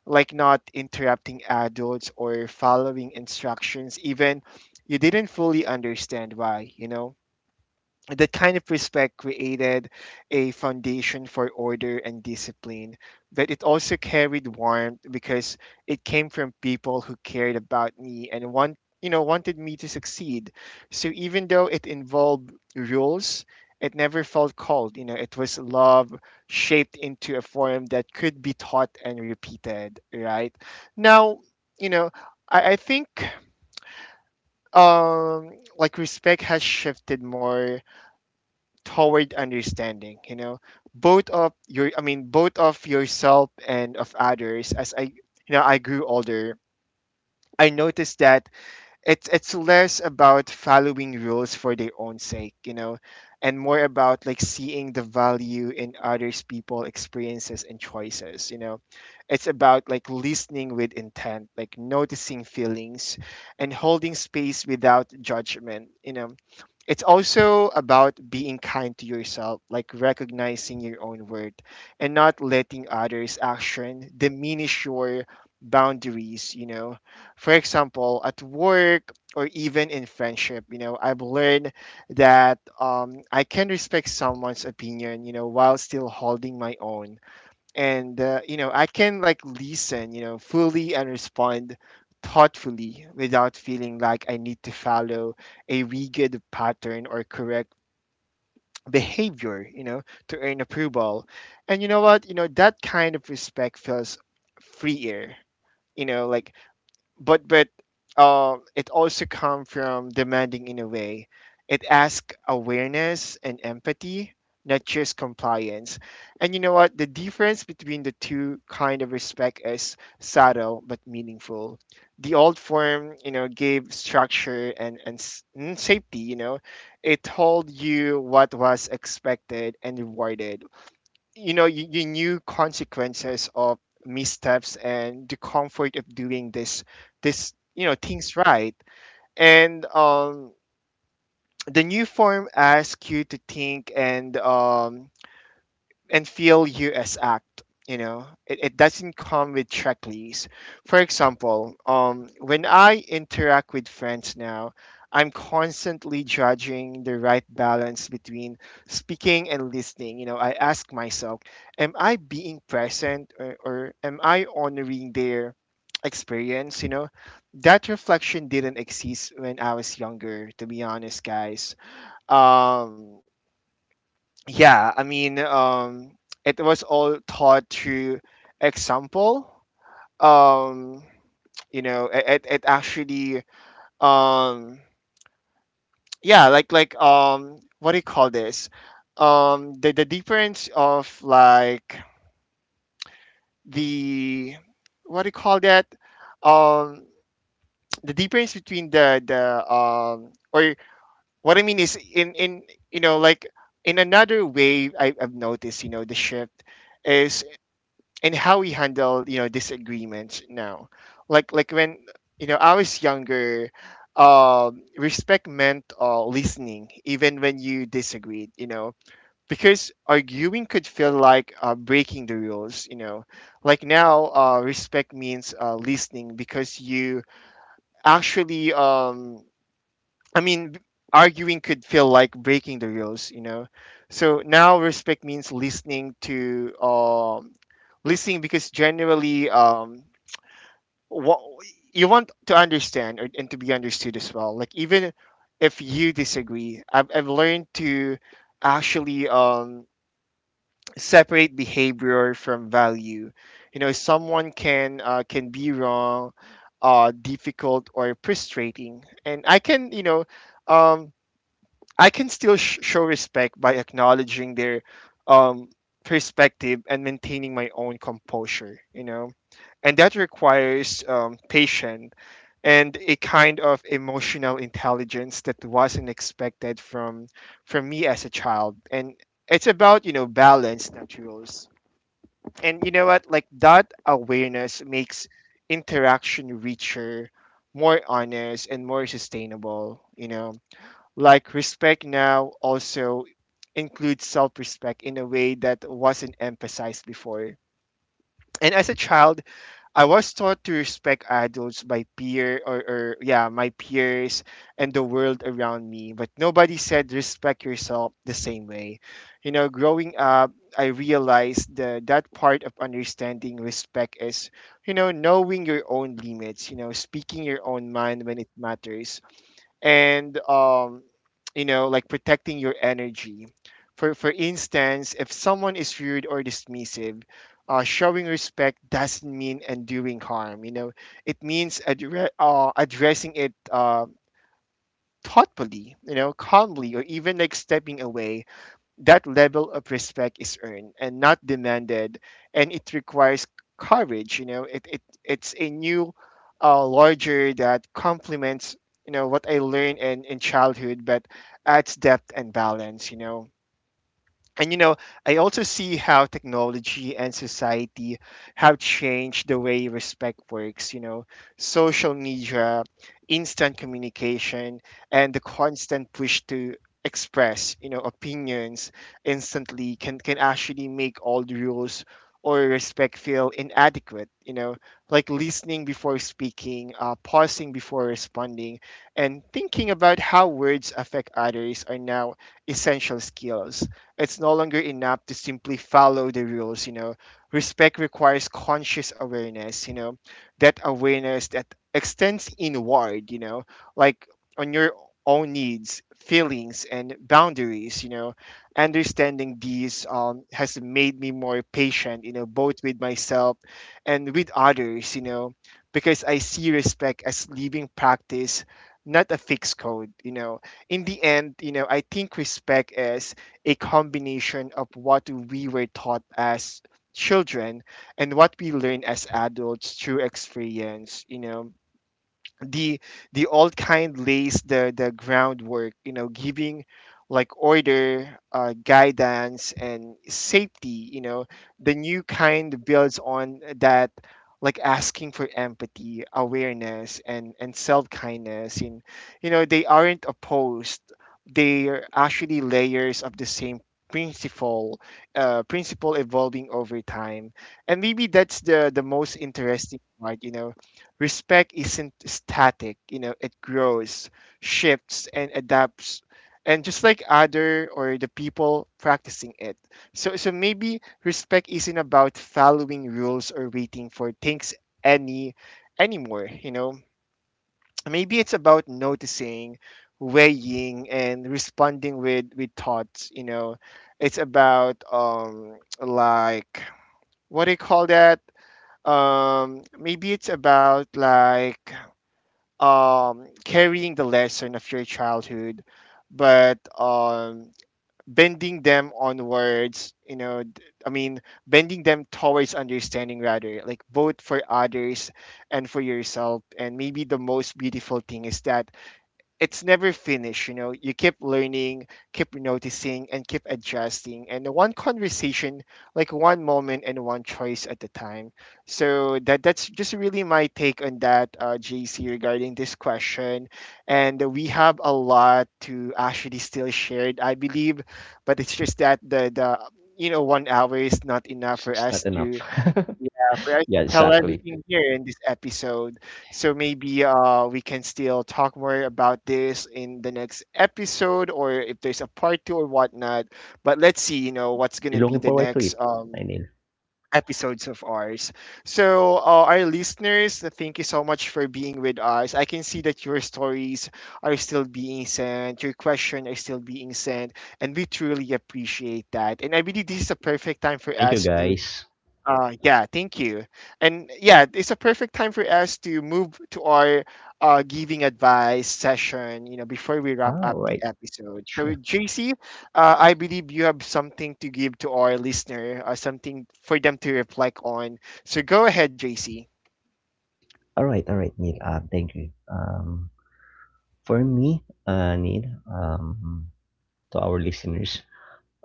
[SPEAKER 1] like not interrupting adults or following instructions, even you didn't fully understand why. You know that kind of respect created a foundation for order and discipline, but it also carried warmth because it came from people who cared about me and want you know wanted me to succeed. So even though it involved rules, it never felt cold. You know, it was love shaped into a form that could be taught and repeated. Right now, you know, I, I think um like respect has shifted more toward understanding you know both of your I mean both of yourself and of others. As I you know I grew older, I noticed that it's it's less about following rules for their own sake you know and more about like seeing the value in others people experiences and choices you know It's about like listening with intent, like noticing feelings and holding space without judgment you know It's also about being kind to yourself, like recognizing your own worth and not letting others' action diminish your boundaries, you know. For example, at work or even in friendship, you know, I've learned that um, I can respect someone's opinion, you know, while still holding my own and uh, you know i can like listen you know fully and respond thoughtfully without feeling like I need to follow a rigid pattern or correct behavior you know to earn approval. And you know what you know that kind of respect feels freer, you know like but but uh, it also come from demanding in a way. It asks awareness and empathy, not just compliance. And you know what? The difference between the two kind of respect is subtle but meaningful. The old form, you know, gave structure and and, s- and safety. You know, it told you what was expected and rewarded. you know you, you knew consequences of missteps and the comfort of doing this this you know things right. and um The new form asks you to think and um and feel you as act. you know it, it doesn't come with checklists. For example um when I interact with friends now, I'm constantly judging the right balance between speaking and listening you know I ask myself, am I being present, or, or am I honoring their experience? You know that reflection didn't exist when I was younger, to be honest guys. um yeah, i mean um it was all taught through example. um you know it, it, it actually um yeah, like like um what do you call this? um the, the difference of like, the, what do you call that? um the difference between the the um or what I mean is, in in you know like in another way, I, i've noticed, you know the shift is and how we handle, you know disagreements now. Like like when you know I was younger, um respect meant uh, listening even when you disagreed, you know because arguing could feel like uh, breaking the rules, you know like now uh, respect means uh, listening because you actually um I mean, b- arguing could feel like breaking the rules, you know. So now respect means listening to um, listening because generally um, what you want to understand or, and to be understood as well. Like even if you disagree, I've I've learned to actually um, separate behavior from value. You know, someone can uh, can be wrong, uh, difficult or frustrating, and I can you know. Um, I can still sh- show respect by acknowledging their um, perspective and maintaining my own composure, you know? And that requires um, patience and a kind of emotional intelligence that wasn't expected from from me as a child. And it's about, you know, balance, not rules. And you know what? Like that awareness makes interaction richer, more honest, and more sustainable, you know? Like respect now also includes self respect in a way that wasn't emphasized before. And as a child, I was taught to respect adults by peer or, or yeah, my peers and the world around me, but nobody said respect yourself the same way. You know, growing up, I realized the, that part of understanding respect is, you know, knowing your own limits, you know, speaking your own mind when it matters and um, you know, like protecting your energy. for for instance, if someone is rude or dismissive, uh, showing respect doesn't mean undoing harm, you know it means addre- uh, addressing it uh, thoughtfully, you know calmly or even like stepping away. That level of respect is earned and not demanded, and it requires courage. you know it, it it's a new uh, larger that complements you know what I learned in, in childhood, but adds depth and balance. You know and you know I also see how technology and society have changed the way respect works you know Social media, instant communication, and the constant push to express, you know opinions instantly can can actually make old rules or respect feel inadequate, you know like listening before speaking, uh, pausing before responding, and thinking about how words affect others are now essential skills. It's no longer enough to simply follow the rules, you know. Respect requires conscious awareness, you know, that awareness that extends inward, you know, like on your own needs, feelings, and boundaries, you know. Understanding these um, has made me more patient, you know, both with myself and with others, you know, because I see respect as living practice, not a fixed code, you know. In the end, you know, I think respect is a combination of what we were taught as children and what we learn as adults through experience. you know the the old kind lays the the groundwork, you know giving like order, uh, guidance and safety, you know the new kind builds on that, like asking for empathy, awareness, and and self kindness. And you know They aren't opposed, they are actually layers of the same principle, uh, principle evolving over time. And maybe that's the the most interesting part, you know. Respect isn't static, you know, it grows, shifts, and adapts. And just like other or the people practicing it. So, so maybe respect isn't about following rules or waiting for things any anymore, you know. Maybe it's about noticing, weighing, and responding with with thoughts, you know. It's about um like what do you call that? Um maybe it's about like um, carrying the lesson of your childhood, but um, bending them onwards, you know, d- I mean, bending them towards understanding rather, like both for others and for yourself. And maybe the most beautiful thing is that it's never finished. You know you keep learning, keep noticing, and keep adjusting, and one conversation, like one moment and one choice at a time. So that that's just really my take on that, uh, JC, regarding this question. And we have a lot to actually still share, I believe, but it's just that the the you know one hour is not enough for
[SPEAKER 2] It's
[SPEAKER 1] us
[SPEAKER 2] not enough.
[SPEAKER 1] to, yeah, for us
[SPEAKER 2] Yeah,
[SPEAKER 1] to tell
[SPEAKER 2] exactly.
[SPEAKER 1] everything here in this episode. So maybe uh we can still talk more about this in the next episode, or if there's a part two or whatnot. But let's see, you know, what's
[SPEAKER 2] You're
[SPEAKER 1] gonna be
[SPEAKER 2] looking
[SPEAKER 1] the
[SPEAKER 2] forward to
[SPEAKER 1] next
[SPEAKER 2] it,
[SPEAKER 1] um
[SPEAKER 2] I
[SPEAKER 1] episodes of ours. So uh, our listeners, uh, thank you so much for being with us. I can see that your stories are still being sent, your questions are still being sent, and we truly appreciate that. And I believe this is a perfect time for
[SPEAKER 2] Thank you,
[SPEAKER 1] us to
[SPEAKER 2] guys.
[SPEAKER 1] uh, yeah, thank you. And yeah, it's a perfect time for us to move to our uh, giving advice session, you know, before we wrap
[SPEAKER 2] All
[SPEAKER 1] up the
[SPEAKER 2] right,
[SPEAKER 1] episode. So,
[SPEAKER 2] sure.
[SPEAKER 1] J C, uh, I believe you have something to give to our listener, uh, something for them to reflect on. So, go ahead, J C.
[SPEAKER 2] All right, all right, Neil. Uh, thank you. Um, for me, uh, Neil, um, to our listeners,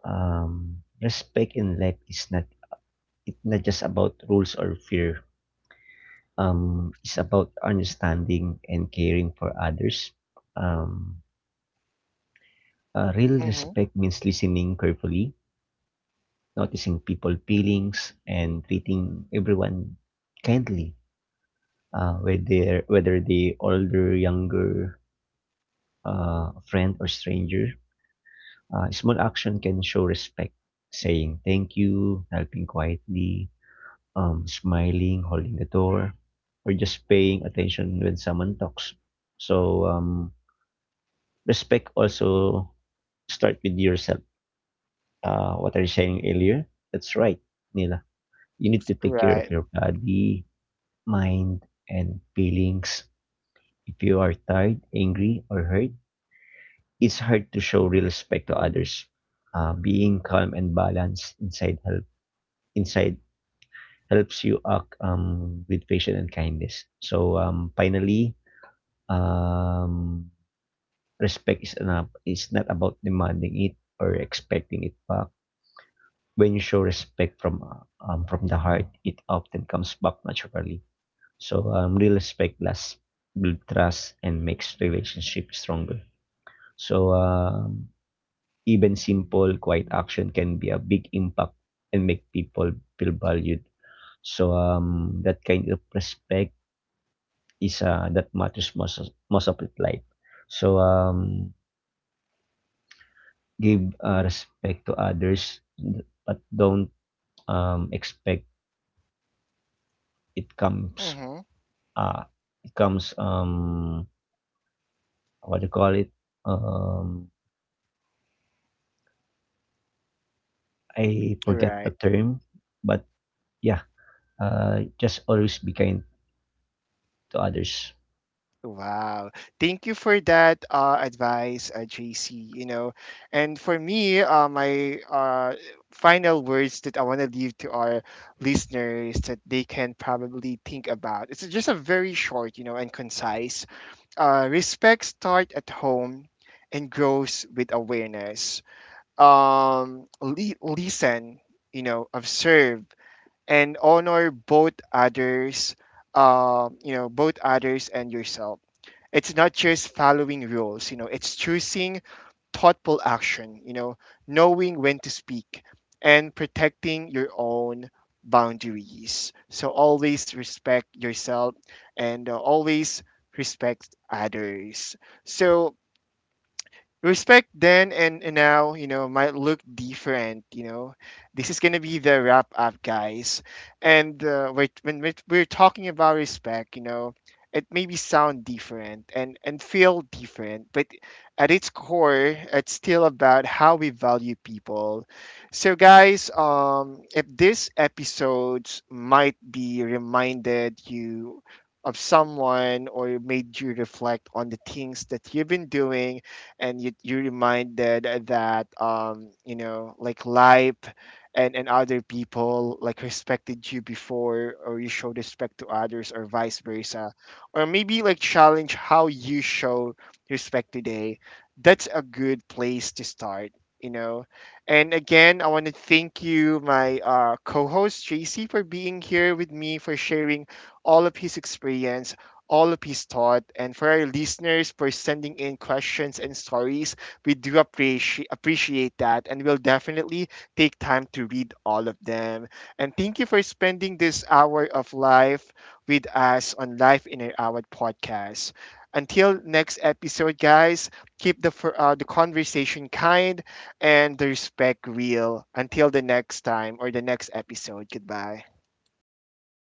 [SPEAKER 2] um, respect in life is not it's not just about rules or fear. Um, is about understanding and caring for others. Um, uh, Real
[SPEAKER 1] Mm-hmm.
[SPEAKER 2] respect means listening carefully, noticing people's feelings, and treating everyone kindly, uh, whether whether they older, younger, uh, friend or stranger. Uh, small action can show respect, saying thank you, helping quietly, um, smiling, holding the door, or just paying attention when someone talks. So um, respect also start with yourself. Uh, what I was saying earlier, that's right, Nila. You need to take care of
[SPEAKER 1] Right.
[SPEAKER 2] your body, mind, and feelings. If you are tired, angry, or hurt, it's hard to show real respect to others. Uh, being calm and balanced inside help inside helps you act um, with patience and kindness. So um, finally, um, respect is enough. It's not about demanding it or expecting it back. When you show respect from uh, um, from the heart, it often comes back naturally. So um, real respect lasts, build trust, and makes relationship stronger. So um, even simple, quiet action can be a big impact and make people feel valued. So um, that kind of respect is uh, that matters most of, most of it life. So um, give uh, respect to others, but don't um, expect it comes
[SPEAKER 1] Mm-hmm.
[SPEAKER 2] uh, it comes um what do you call it, um I forget the term, but yeah, uh just always be kind to others.
[SPEAKER 1] Wow. Thank you for that uh, advice, uh, J C, you know. And for me, uh, my uh, final words that I want to leave to our listeners that they can probably think about. It's just a very short, you know, and concise. Uh, respect start at home and grows with awareness. Um, li- listen, you know, observe and honor both others, uh, you know, both others and yourself. It's not just following rules, you know, it's choosing thoughtful action, you know, knowing when to speak and protecting your own boundaries. So always respect yourself and uh, always respect others. So respect then and, and now, you know, might look different, you know. This is going to be the wrap up, guys. And uh, we're, when we're we're talking about respect, you know, it maybe sound different, and, and feel different, but at its core, it's still about how we value people. So, guys, um, if this episode might be reminded you of someone or made you reflect on the things that you've been doing and you you reminded that um you know, like life and and other people like respected you before, or you showed respect to others, or vice versa, or maybe like challenge how you show respect today, that's a good place to start, you know. And again, I want to thank you, my uh, co-host J C, for being here with me for sharing all of his experience, all of his thought, and for our listeners for sending in questions and stories. We do appreciate appreciate that, and we'll definitely take time to read all of them. And thank you for spending this hour of life with us on Life in an Hour podcast. Until next episode, guys, keep the fir- uh, the conversation kind and the respect real. Until the next time or the next episode. Goodbye.